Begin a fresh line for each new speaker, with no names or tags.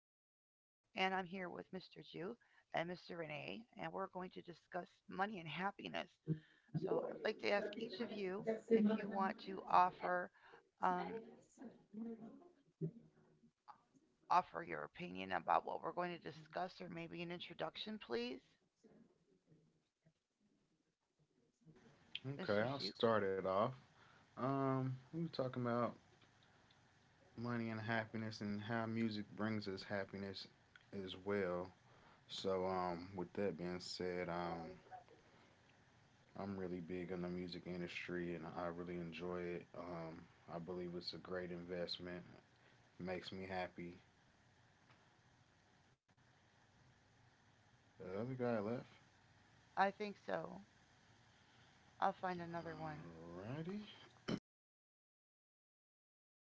here with Mr. Jew and Mr. Renee, and we're going to discuss money and happiness. So I'd like to ask each of you
I got to
if
see
you
my
want
time.
to offer um, offer your opinion about what we're going to discuss, or maybe an introduction, please. Mr.
Okay,
Jew,
I'll start it off. We were talking about money and happiness and how music brings us happiness as well. So, with that being said, I'm really big in the music industry and I really enjoy it. I believe it's a great investment. Makes me happy. The other guy left.
I think so. I'll find another one.
Alrighty.